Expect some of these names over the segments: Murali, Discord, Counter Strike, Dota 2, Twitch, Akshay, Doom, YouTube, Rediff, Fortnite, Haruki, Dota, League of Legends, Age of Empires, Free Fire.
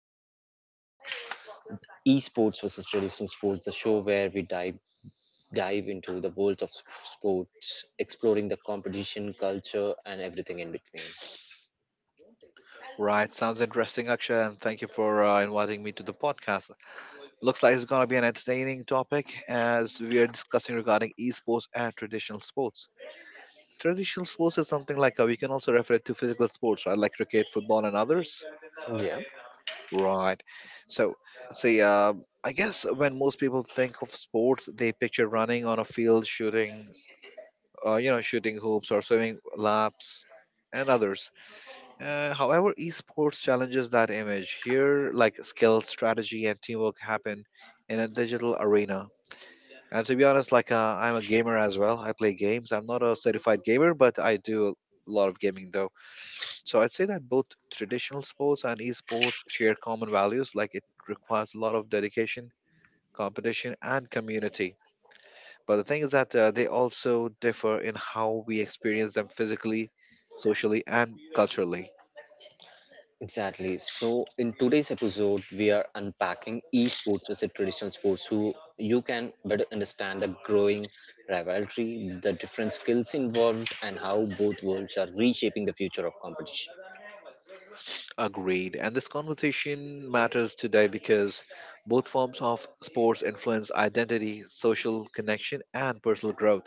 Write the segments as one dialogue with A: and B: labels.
A: listening to Esports versus Traditional Sports, the show where we dive into the worlds of sports, exploring the competition, culture, and everything in between.
B: Right, sounds interesting, Akshay, and thank you for inviting me to the podcast. Looks like it's going to be an entertaining topic as we are discussing regarding esports and traditional sports. Traditional sports is something like we can also refer it to physical sports, right, like cricket, football, and others. Right. So, see, I guess when most people think of sports, they picture running on a field, shooting, shooting hoops or swimming laps, and others. However, esports challenges that image. Here, like skill, strategy, and teamwork happen in a digital arena. And to be honest, like I'm a gamer as well. I play games. I'm not a certified gamer, but I do a lot of gaming though. So I'd say that both traditional sports and esports share common values. Like, it requires a lot of dedication, competition, and community. But the thing is that they also differ in how we experience them physically, socially, and culturally.
A: Exactly. So, in today's episode, we are unpacking esports versus traditional sports, so you can better understand the growing rivalry, the different skills involved, and how both worlds are reshaping the future of competition.
B: Agreed. And this conversation matters today because both forms of sports influence identity, social connection, and personal growth.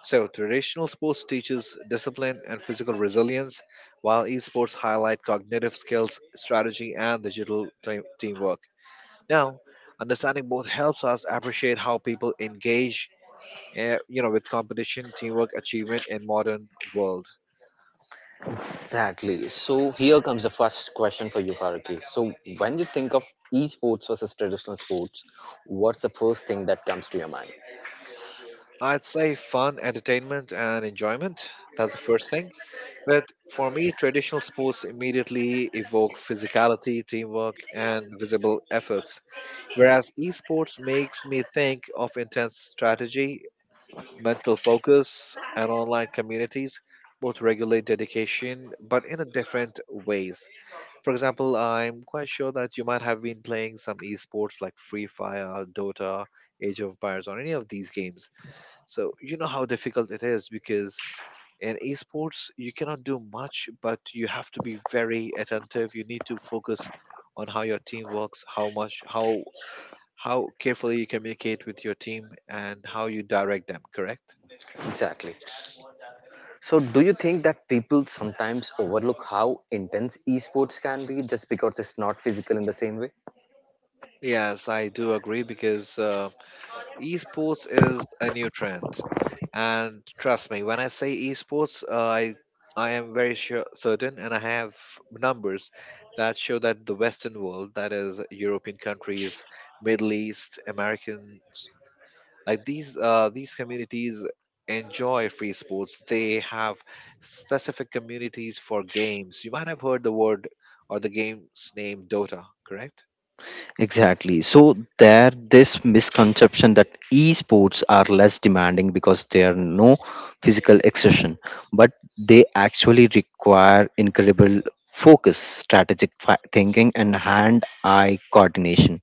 B: So, traditional sports teaches discipline and physical resilience, while esports highlight cognitive skills, strategy, and digital teamwork. Now, understanding both helps us appreciate how people engage, with competition, teamwork, achievement in modern world.
A: Exactly. So here comes the first question for you, Haruki. So when you think of esports versus traditional sports, what's the first thing that comes to your mind?
B: I'd say fun, entertainment, and enjoyment. That's the first thing. But for me, traditional sports immediately evoke physicality, teamwork, and visible efforts, whereas esports makes me think of intense strategy, mental focus, and online communities. Both regulate dedication, but in a different ways. For example, I'm quite sure that you might have been playing some esports like Free Fire, Dota, Age of Empires, or any of these games. So you know how difficult it is, because in esports you cannot do much, but you have to be very attentive. You need to focus on how your team works, how much, how carefully you communicate with your team, and how you direct them, correct?
A: Exactly. So do you think that people sometimes overlook how intense esports can be just because it's not physical in the same way?
B: Yes, I do agree, because esports is a new trend, and trust me when I say esports, I am very sure certain, and I have numbers that show that the western world, that is European countries, Middle East, Americans, like these communities enjoy free sports. They have specific communities for games. You might have heard the word or the game's name, Dota, correct?
A: Exactly. So there this misconception that esports are less demanding because there are no physical exertion, but they actually require incredible focus, strategic thinking and hand-eye coordination.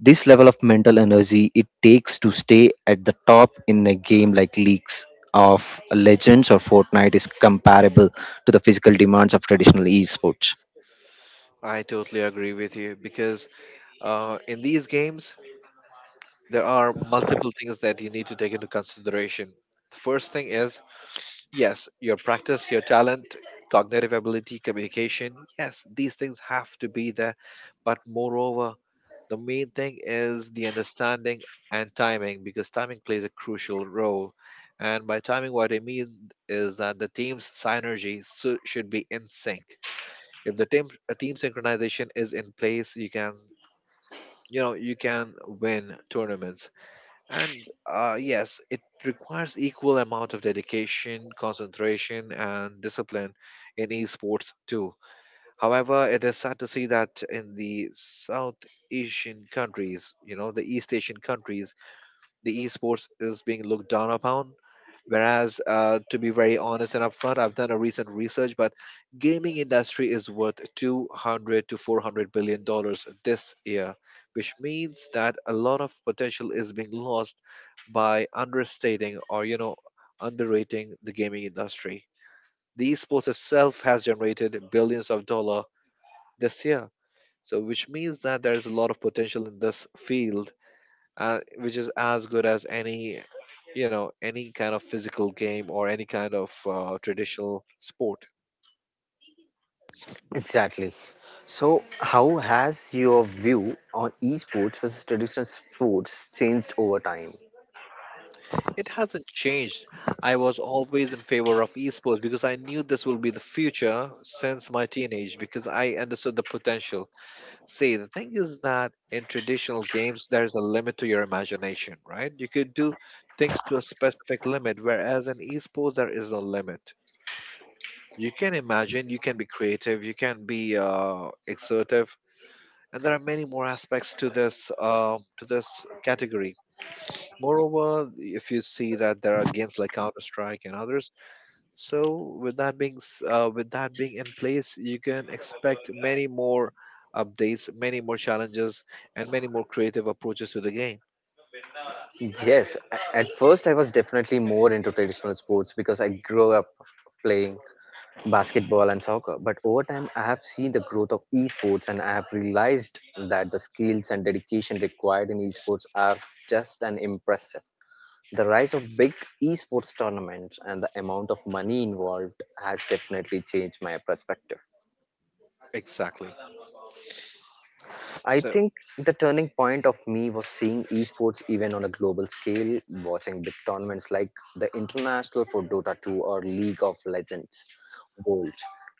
A: This level of mental energy it takes to stay at the top in a game like Leagues of Legends or Fortnite is comparable to the physical demands of traditional esports.
B: I totally agree with you, because in these games there are multiple things that you need to take into consideration. The first thing is, yes, your practice, your talent, cognitive ability, communication. Yes, these things have to be there. But moreover, the main thing is the understanding and timing, because timing plays a crucial role. And by timing, what I mean is that the team's synergy should be in sync. If the team a team synchronization is in place, you can, you know, you can win tournaments. And yes, it requires equal amount of dedication, concentration, and discipline in esports too. However, it is sad to see that in the South Asian countries, you know, the East Asian countries, the esports is being looked down upon. Whereas, to be very honest and upfront, I've done a recent research, but gaming industry is worth $200 to $400 billion this year, which means that a lot of potential is being lost by understating, or, you know, underrating the gaming industry. The esports itself has generated billions of dollar this year, so which means that there is a lot of potential in this field, which is as good as any, you know, any kind of physical game or any kind of traditional sport.
A: Exactly. So, how has your view on esports versus traditional sports changed over time?
B: It hasn't changed. I was always in favor of esports because I knew this will be the future since my teenage, because I understood the potential. See, the thing is that in traditional games there is a limit to your imagination, right? You could do things to a specific limit, whereas in esports there is no limit. You can imagine, you can be creative, you can be exertive, and there are many more aspects to this category. Moreover, if you see that there are games like Counter Strike and others, so with that being in place, you can expect many more updates, many more challenges, and many more creative approaches to the game.
A: Yes, at first I was definitely more into traditional sports because I grew up playing basketball and soccer. But over time, I have seen the growth of esports and I have realized that the skills and dedication required in esports are just an impressive. The rise of big esports tournaments and the amount of money involved has definitely changed my perspective.
B: Exactly.
A: I
B: So.
A: think the turning point of me was seeing esports even on a global scale, watching big tournaments like the International for Dota 2 or League of Legends World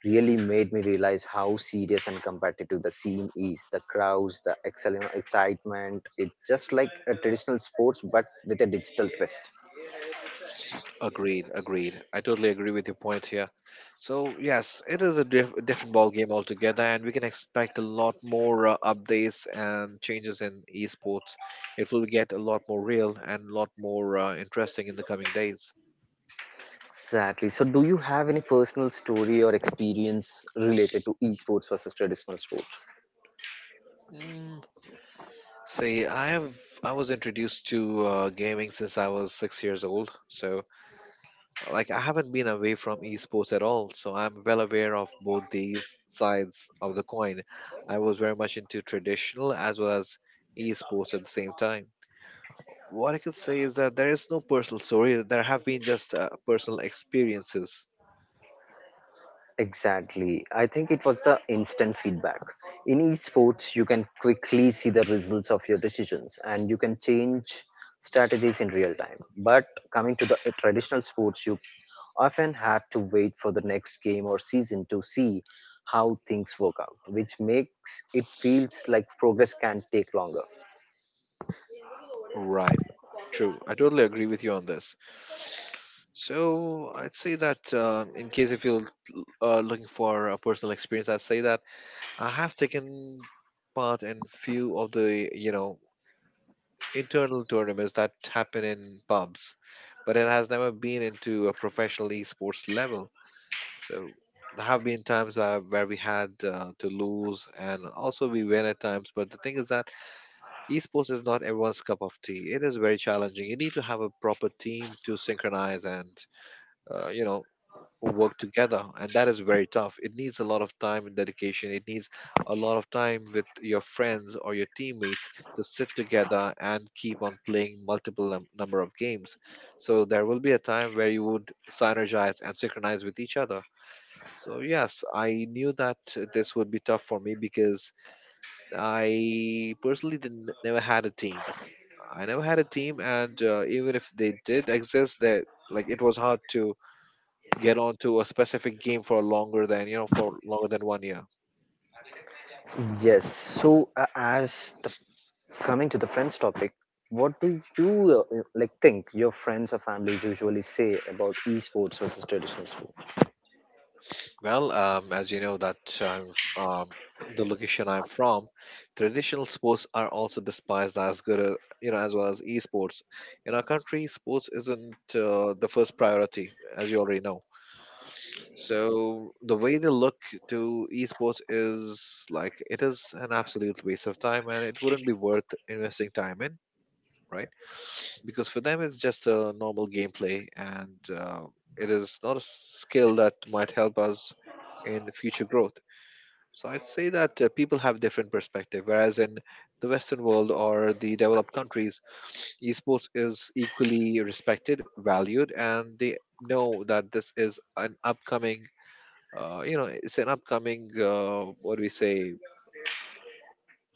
A: really made me realize how serious and competitive the scene is. The crowds, the excellent excitement, it's just like a traditional sports but with a digital twist.
B: Agreed, agreed. I totally agree with your point here. So yes, it is a different ball game altogether, and we can expect a lot more updates and changes in esports. It will get a lot more real and a lot more interesting in the coming days.
A: Exactly. So do you have any personal story or experience related to esports versus traditional sport?
B: Mm. See, I was introduced to gaming since I was 6 years old, so like I haven't been away from esports at all, so I'm well aware of both these sides of the coin. I was very much into traditional as well as esports at the same time. What I could say is that there is no personal story. There have been just personal experiences.
A: Exactly. I think it was the instant feedback. In esports, you can quickly see the results of your decisions and you can change strategies in real time. But coming to the traditional sports, you often had to wait for the next game or season to see how things work out, which makes it feels like progress can take longer.
B: Right. True. I totally agree with you on this. So I'd say that in case if you're looking for a personal experience, I'd say that I have taken part in few of the, you know, internal tournaments that happen in pubs, but it has never been into a professional esports level. So there have been times where we had to lose, and also we win at times. But the thing is that esports is not everyone's cup of tea. It is very challenging. You need to have a proper team to synchronize and, uh, you know work together, and that is very tough. It needs a lot of time and dedication. It needs a lot of time with your friends or your teammates to sit together and keep on playing multiple number of games, so there will be a time where you would synergize and synchronize with each other. So yes, I knew that this would be tough for me, because I personally didn't never had a team. I never had a team, and even if they did exist, that, like, it was hard to get onto a specific game for longer than, one year.
A: Yes. So, as the coming to the friends topic, what do you like think your friends or families usually say about esports versus traditional sports?
B: Well, as you know that I'm um, the location I'm from, traditional sports are also despised, as good a, you know, as well as esports. In our country sports isn't the first priority, as you already know. So the way they look to esports is like it is an absolute waste of time, and it wouldn't be worth investing time in, right? Because for them it's just a normal gameplay, and it is not a skill that might help us in future growth. So I'd say that people have different perspective, whereas in the western world or the developed countries, esports is equally respected, valued, and they know that this is an upcoming, it's an upcoming, what do we say,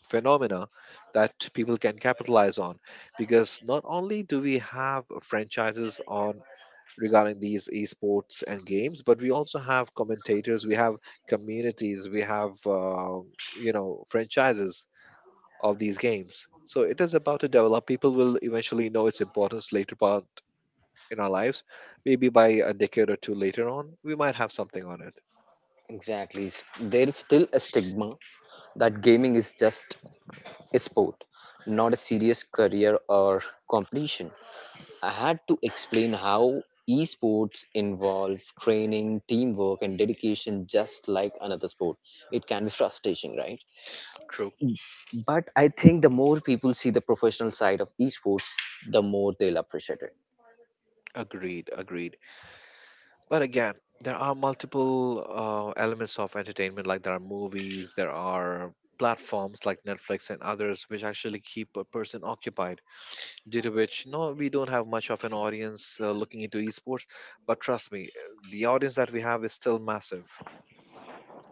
B: phenomena that people can capitalize on. Because not only do we have franchises on regarding these esports and games, but we also have commentators, we have communities, we have, franchises of these games. So it is about to develop. People will eventually know its importance later part in our lives. Maybe by a decade or two later on we might have something on it.
A: Exactly, there is still a stigma that gaming is just a sport, not a serious career or competition. I had to explain how esports involve training, teamwork, and dedication just like another sport. It can be frustrating, right?
B: True.
A: But I think the more people see the professional side of esports, the more they'll appreciate it.
B: Agreed, agreed. But again, there are multiple elements of entertainment, like there are movies, there are platforms like Netflix and others which actually keep a person occupied. Due to which, no, we don't have much of an audience looking into esports, but trust me, the audience that we have is still massive.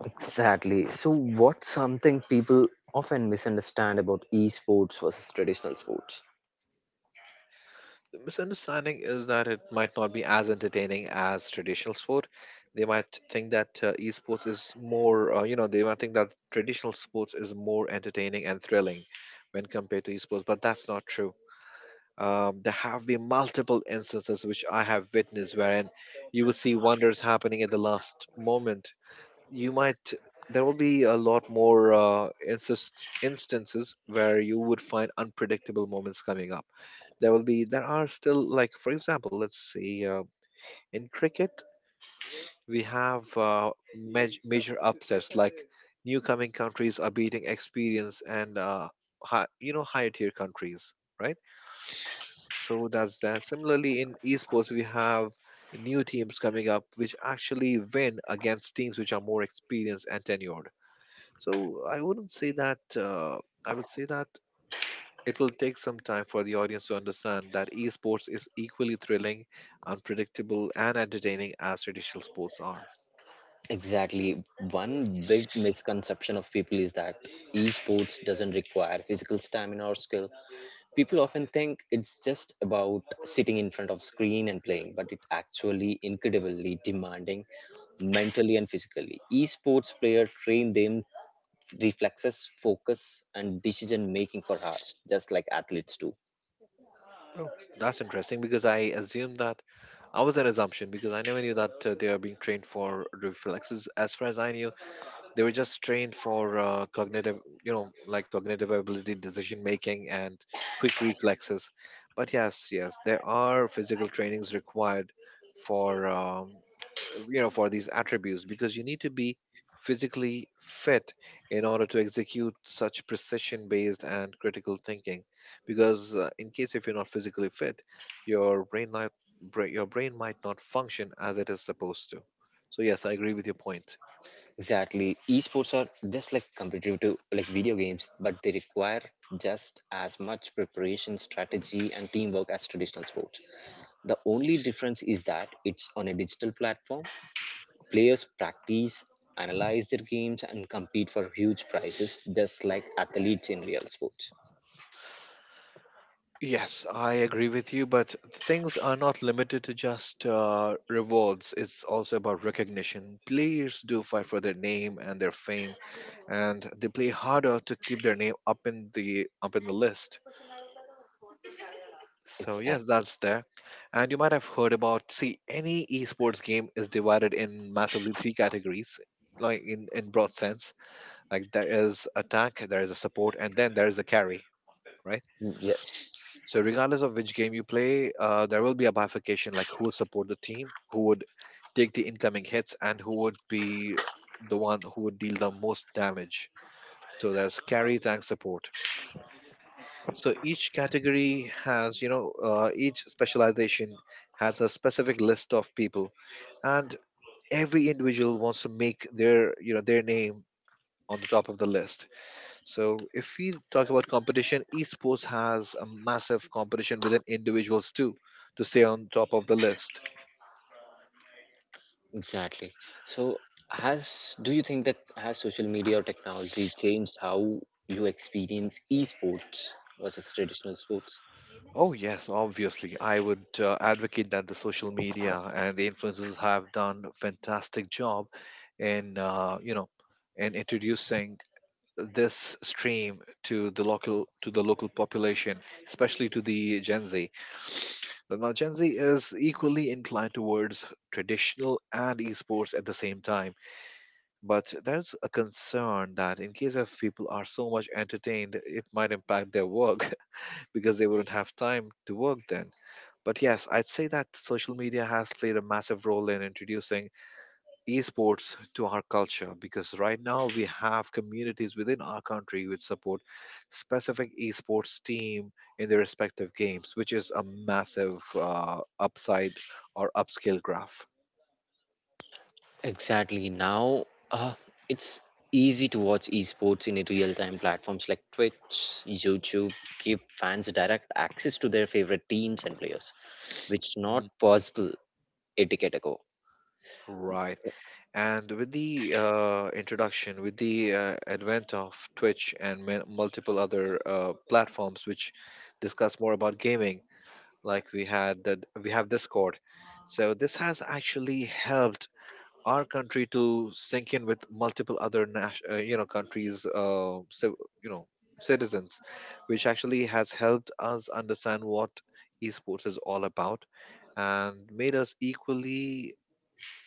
A: Exactly. So, what's something people often misunderstand about esports versus traditional sports?
B: The misunderstanding is that it might not be as entertaining as traditional sport. They might think that esports is more, they might think that traditional sports is more entertaining and thrilling when compared to esports, but that's not true. There have been multiple instances which I have witnessed wherein you will see wonders happening at the last moment. You might There will be a lot more instances where you would find unpredictable moments coming up. There will be There are still, like, for example, let's see, in cricket we have, major upsets, like new coming countries are beating experienced and, high, you know, higher tier countries, right? So that's that. Similarly in esports we have new teams coming up which actually win against teams which are more experienced and tenured. So I wouldn't say that. I would say that it will take some time for the audience to understand that esports is equally thrilling, unpredictable, and entertaining as traditional sports are.
A: Exactly. One big misconception of people is that esports doesn't require physical stamina or skill. People often think it's just about sitting in front of screen and playing, but it actually incredibly demanding mentally and physically. Esports players train them reflexes, focus, and decision making for hours, just like athletes do.
B: Oh, that's interesting because I assume that I was an assumption because I never knew that they are being trained for reflexes. As far as I knew, they were just trained for cognitive, you know, like cognitive ability, decision making, and quick reflexes. But yes, there are physical trainings required for you know, for these attributes because you need to be physically fit in order to execute such precision based and critical thinking because in case if you're not physically fit, your brain might your brain might not function as it is supposed to. So yes, I agree with your point.
A: Exactly. Esports are just like competitive like video games, but they require just as much preparation, strategy, and teamwork as traditional sports. The only difference is that it's on a digital platform. Players practice, analyze their games, and compete for huge prizes, just like athletes in real sports.
B: Yes, I agree with you, but things are not limited to just rewards. It's also about recognition. Players do fight for their name and their fame, and they play harder to keep their name up in the list. So yes,
A: Exactly.
B: that's there. And you might have heard about, see, any esports game is divided in massively three categories, like in broad sense. Like there is attack, there is a support, and then there is a carry, right?
A: Yes.
B: So regardless of which game you play, there will be a bifurcation, like who will support the team, who would take the incoming hits, and who would be the one who would deal the most damage. So there's carry, tank, support. So each category has, you know, each specialization has a specific list of people, and every individual wants to make their, you know, their name on the top of the list. So, if we talk about competition, esports has a massive competition within individuals too, to stay on top of the list.
A: Exactly. So, has do you think that has social media or technology changed how you experience esports versus traditional sports?
B: Oh, yes, obviously. I would advocate that the social media and the influencers have done a fantastic job in, you know, in introducing this stream to the local population, especially to the Gen Z. But now Gen Z is equally inclined towards traditional and esports at the same time. But there's a concern that in case if people are so much entertained, it might impact their work because they wouldn't have time to work then. But yes, I'd say that social media has played a massive role in introducing esports to our culture, because right now we have communities within our country which support specific esports team in their respective games, which is a massive upside or upscale graph.
A: Exactly. Now, uh, it's easy to watch esports in a real-time platforms like Twitch, YouTube give fans direct access to their favorite teams and players, which
B: Mhm.
A: not possible a decade ago.
B: Right. And with the introduction, with the advent of Twitch and multiple other platforms which discuss more about gaming, like we had that we have Discord. So this has actually helped our country to sync in with multiple other nation, you know, countries, civ you know, citizens, which actually has helped us understand what esports is all about and made us equally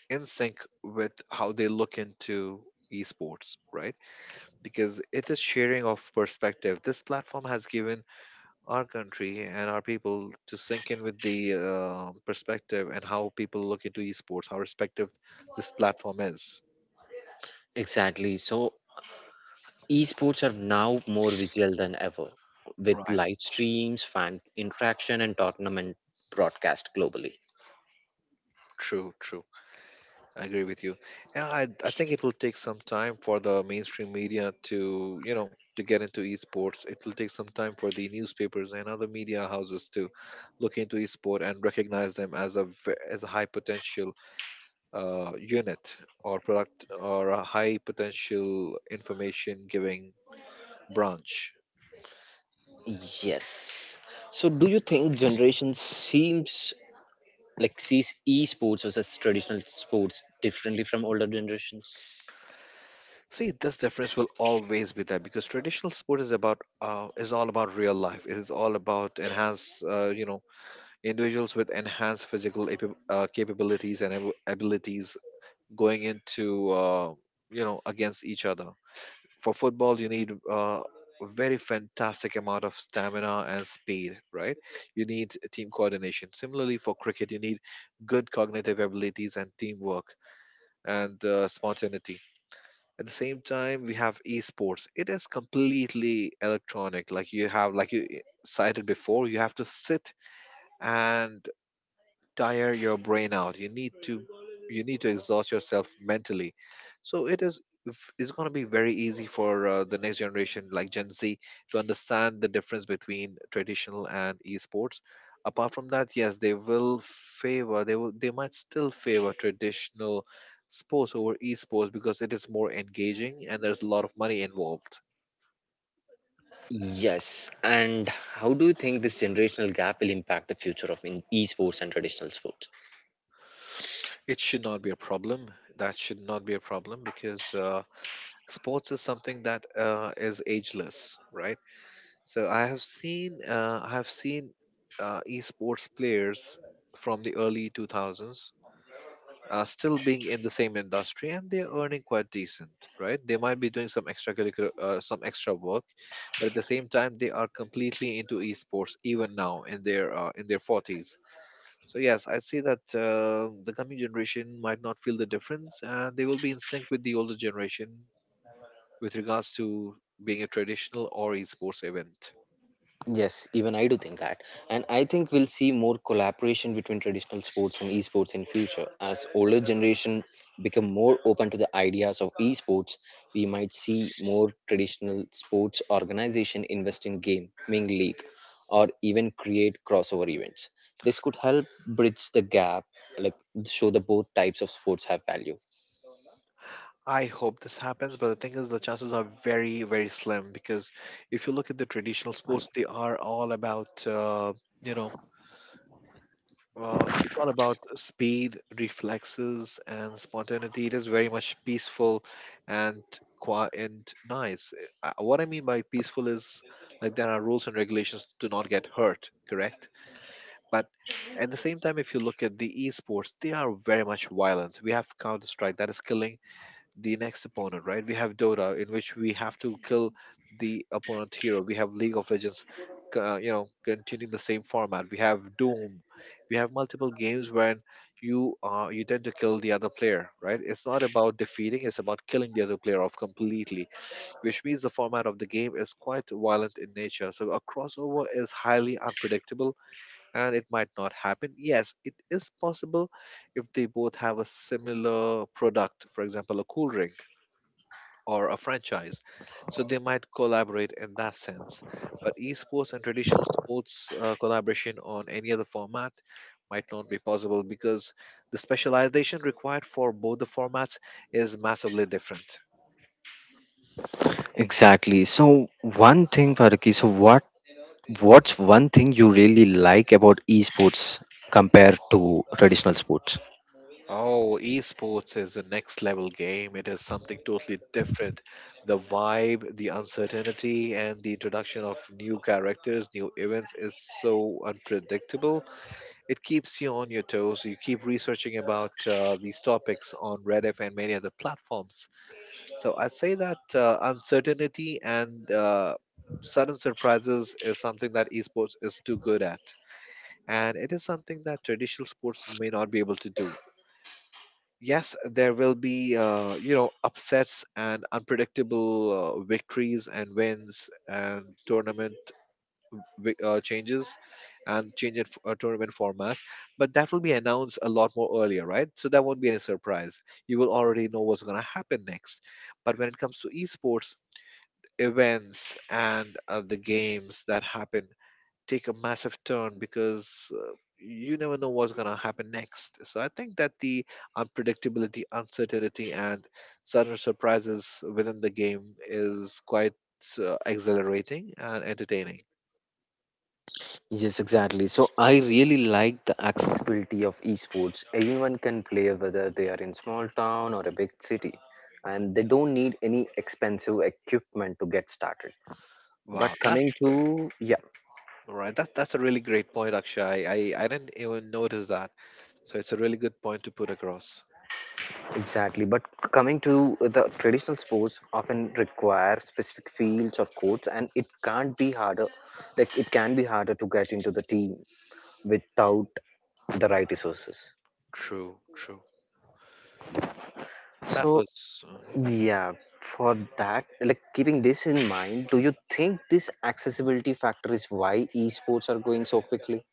B: in sync with how they look into esports, right? Because it is sharing of perspective. This platform has given our country and our people to sync in with the perspective and how people look into esports, how respective this platform is.
A: Exactly. So Esports are now more visual than ever, with
B: Right.
A: live streams, fan interaction, and tournament broadcast globally.
B: True, true. I agree with you. Yeah, I think it will take some time for the mainstream media to, you know, to get into esports. It will take some time for the newspapers and other media houses to look into esport and recognize them as as a high potential unit or product or a high potential information giving branch.
A: Yes. So, do you think generation seems like sees esports versus traditional sports differently from older generations?
B: See, this difference will always be there because traditional sport is about is all about real life. It is all about you know, individuals with enhanced physical capabilities and abilities going into you know, against each other. For football you need a very fantastic amount of stamina and speed, right? You need team coordination. Similarly, for cricket you need good cognitive abilities and teamwork and spontaneity. At the same time we have esports. It is completely electronic, like you have, like you cited before, you have to sit and tire your brain out. You need to, you need to exhaust yourself mentally. So it is it's going to be very easy for the next generation like Gen Z to understand the difference between traditional and esports. Apart from that, yes, they will favor, they will, they might still favor traditional sports over esports because it is more engaging and there's a lot of money involved.
A: Yes. And how do you think this generational gap will impact the future of in esports and traditional sports?
B: It should not be a problem. That should not be a problem because sports is something that is ageless, right? So I have seen esports players from the early 2000s still being in the same industry, and they're earning quite decent, right? They might be doing some extracurricular some extra work, but at the same time they are completely into esports even now in their in their 40s. So yes, I see that the coming generation might not feel the difference and they will be in sync with the older generation with regards to being a traditional or esports event.
A: Yes, even I do think that. And I think we'll see more collaboration between traditional sports and esports in future. As older generation become more open to the ideas of esports, we might see more traditional sports organization invest in game, League, or even create crossover events. This could help bridge the gap, like show the both types of sports have value.
B: I hope this happens, but the thing is, the chances are very, very slim because if you look at the traditional sports, they are all about, you know, it's all about speed, reflexes, and spontaneity. It is very much peaceful and quiet and nice. What I mean by peaceful is like there are rules and regulations to not get hurt, correct? But at the same time, if you look at the esports, they are very much violent. We have Counter Strike that is killing the next opponent, right? We have Dota, in which we have to kill the opponent hero. We have League of Legends, you know, continuing the same format. We have Doom. We have multiple games when you you tend to kill the other player, right? It's not about defeating; it's about killing the other player off completely, which means the format of the game is quite violent in nature. So a crossover is highly unpredictable, and it might not happen. Yes, it is possible if they both have a similar product, for example, a cool drink or a franchise. So they might collaborate in that sense. But esports and traditional sports collaboration on any other format might not be possible because the specialization required for both the formats is massively different.
A: Exactly. So one thing, Faraki, so what's one thing you really like about esports compared to traditional sports?
B: Oh, esports is a next level game. It is something totally different. The vibe, the uncertainty, and the introduction of new characters, new events is so unpredictable. It keeps you on your toes. You keep researching about these topics on Rediff and many other platforms. So I'd say that uncertainty and sudden surprises is something that esports is too good at, and it is something that traditional sports may not be able to do. Yes, there will be you know, upsets and unpredictable victories and wins and tournament changes and tournament formats, but that will be announced a lot more earlier, right? So that won't be any surprise. You will already know what's going to happen next. But when it comes to esports, events and the games that happen take a massive turn because you never know what's going to happen next. So I think that the unpredictability, uncertainty, and sudden surprises within the game is quite exhilarating and entertaining.
A: Yes, exactly. So I really like the accessibility of esports. Anyone can play whether they are in small town or a big city and they don't need any expensive equipment to get started. But
B: Wow, that's,
A: coming to yeah,
B: all right, that's a really great point, Akshay. I didn't even notice that, so it's a really good point to put across.
A: exactly, but coming to the traditional sports often require specific fields or courts, and it can't be harder. Like it can be harder to get into the team
B: Mm.
A: without the right resources.
B: True, true. That
A: So
B: was
A: yeah, for that, like keeping this in mind, do you think this accessibility factor is why esports are going so quickly?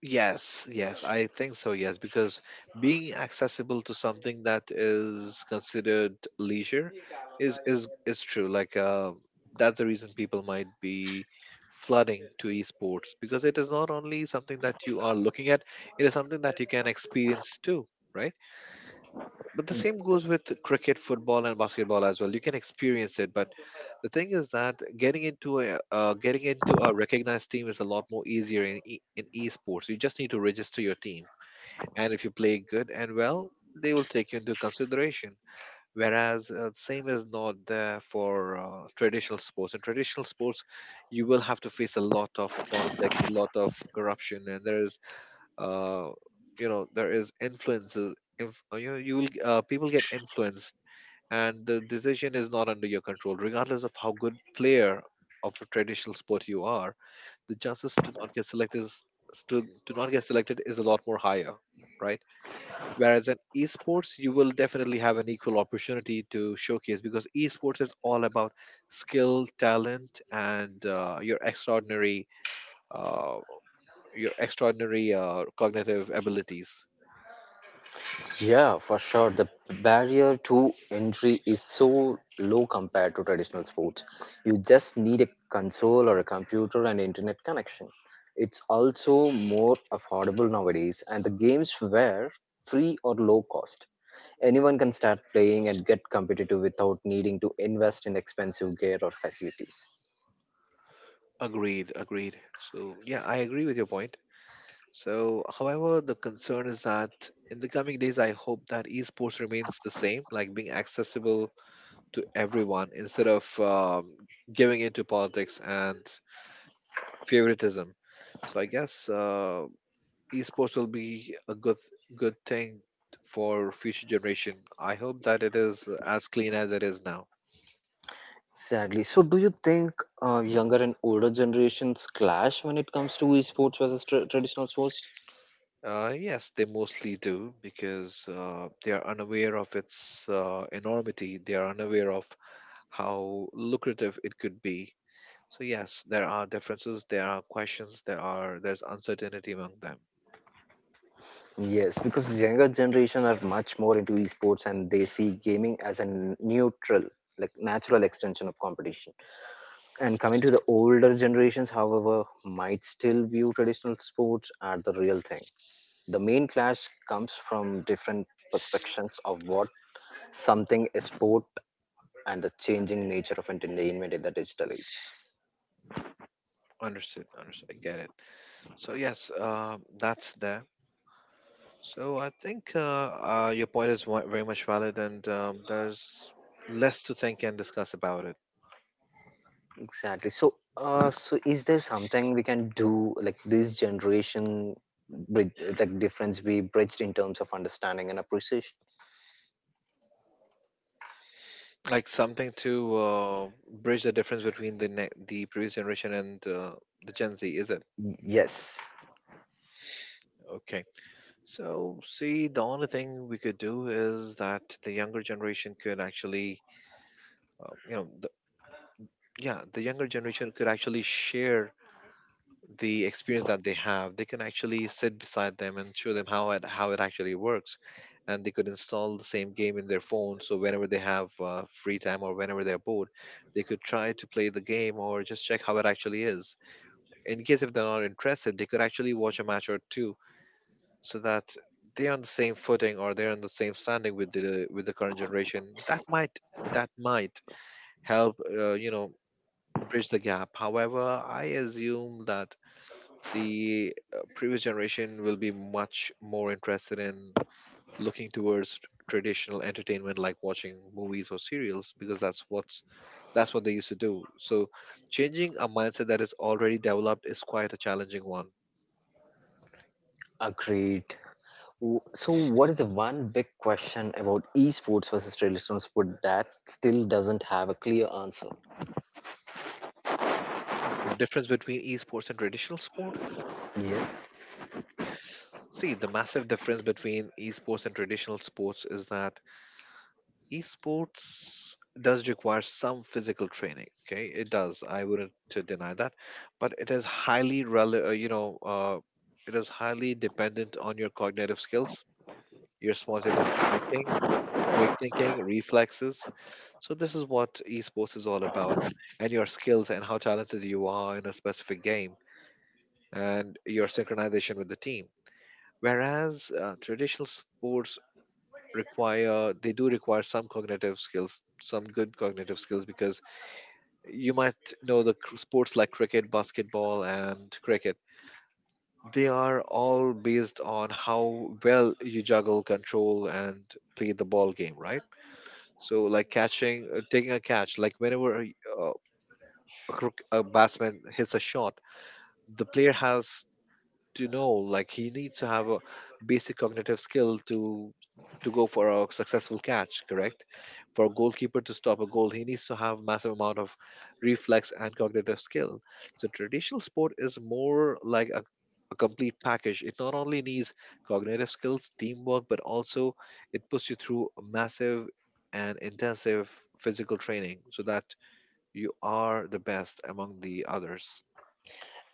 B: yes, yes. I think so. Yes, because being accessible to something that is considered leisure is true. Like, that's the reason people might be flooding to esports, because it is not only something that you are looking at; it is something that you can experience too, right? But the same goes with cricket, football, and basketball as well. You can experience it, but the thing is that getting into a recognized team is a lot more easier in in esports. You just need to register your team, and if you play good and well, they will take you into consideration. Whereas same is not there for traditional sports. In traditional sports, you will have to face a lot of politics, lot of corruption, and there is uh, you know, there is influences you know, you will people get influenced and the decision is not under your control. Regardless of how good player of a traditional sport you are, the chances to not get selected is a lot more higher, right? Whereas in esports you will definitely have an equal opportunity to showcase, because esports is all about skill, talent, and uh, your extraordinary cognitive abilities.
A: Yeah, for sure. The barrier to entry is so low compared to traditional sports. You just need a console or a computer and internet connection. It's also more affordable nowadays, and the games were free or low cost. Anyone can start playing and get competitive without needing to invest in expensive gear or facilities.
B: Agreed, agreed. So, yeah, I agree with your point. So, however, the concern is that in the coming days, I hope that esports remains the same, like being accessible to everyone instead of giving into politics and favoritism. So, I guess esports will be a good thing for future generation. I hope that it is as clean as it is now.
A: Sadly, so do you think younger and older generations clash when it comes to esports versus traditional sports?
B: Yes, they mostly do because they are unaware of its enormity. They are unaware of how lucrative it could be. So yes, there are differences. There are questions. There's uncertainty among them.
A: Yes, because younger generation are much more into esports and they see gaming as a neutral, like natural extension of competition. And coming to the older generations, however, might still view traditional sports as the real thing. The main clash comes from different perspectives of what something is sport and the changing nature of entertainment in the digital age.
B: Understood. Understood. I get it. So yes, that's there. So I think your point is very much valid, and there's less to think and discuss about it.
A: Exactly. So, so is there something we can do like this generation bridge, like difference we bridged in terms of understanding and appreciation?
B: Like something to bridge the difference between the the previous generation and the Gen Z, is it?
A: Yes.
B: Okay. So, see, the only thing we could do is that the younger generation could actually, uh, you know, the, yeah, the younger generation could actually share the experience that they have. They can actually sit beside them and show them how it actually works, and they could install the same game in their phone. So whenever they have free time or whenever they're bored, they could try to play the game or just check how it actually is in case if they're not interested, they could actually watch a match or two so that they're on the same footing or they're on the same standing with the current generation. That might help, bridge the gap. However, I assume that the previous generation will be much more interested in looking towards traditional entertainment like watching movies or serials because that's what they used to do. So changing a mindset that is already developed is quite a challenging one.
A: Agreed. So, what is the one big question about esports versus traditional sport that still doesn't have a clear answer?
B: Hmm. The difference between esports and traditional sport?
A: Yeah.
B: See, the massive difference between esports and traditional sports is that esports does require some physical training. Okay, it does. I wouldn't to deny that, but it is highly rel- you know, it is highly dependent on your cognitive skills, your spontaneous thinking, quick thinking, reflexes. So this is what esports is all about, and your skills and how talented you are in a specific game, and your synchronization with the team, whereas traditional sports require they do require some cognitive skills, some good cognitive skills, because you might know the sports like cricket, basketball, and cricket. They are all based on how well you juggle, control, and play the ball game, right? So like catching, taking a catch, like whenever a batsman hits a shot, the player has to know, like, he needs to have a basic cognitive skill to go for a successful catch, correct? For a goalkeeper to stop a goal, he needs to have massive amount of reflex and cognitive skill. So traditional sport is more like a complete package. It not only needs cognitive skills, teamwork, but also it puts you through a massive and intensive physical training so that you are the best among the others.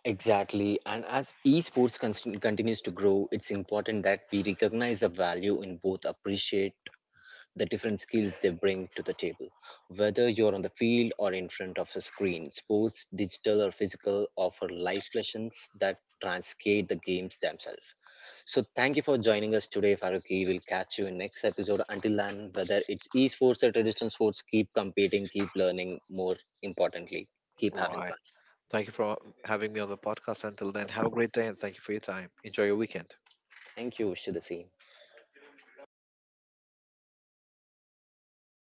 A: Exactly. And as esports constant continues to grow, it's important that we recognize the value in both appreciate the different skills they bring to the table. Whether you're on the field or in front of a screen, sports, digital or physical, offer life lessons that translate the games themselves. So thank you for joining us today, Faruqi. We'll catch you in next episode. Until then, whether it's esports or traditional sports, keep competing, keep learning. More importantly, keep having
B: Right.
A: fun.
B: Thank you for having me on the podcast. Until then, have a great day and thank you for your time. Enjoy your weekend.
A: Thank you. Wish you the same.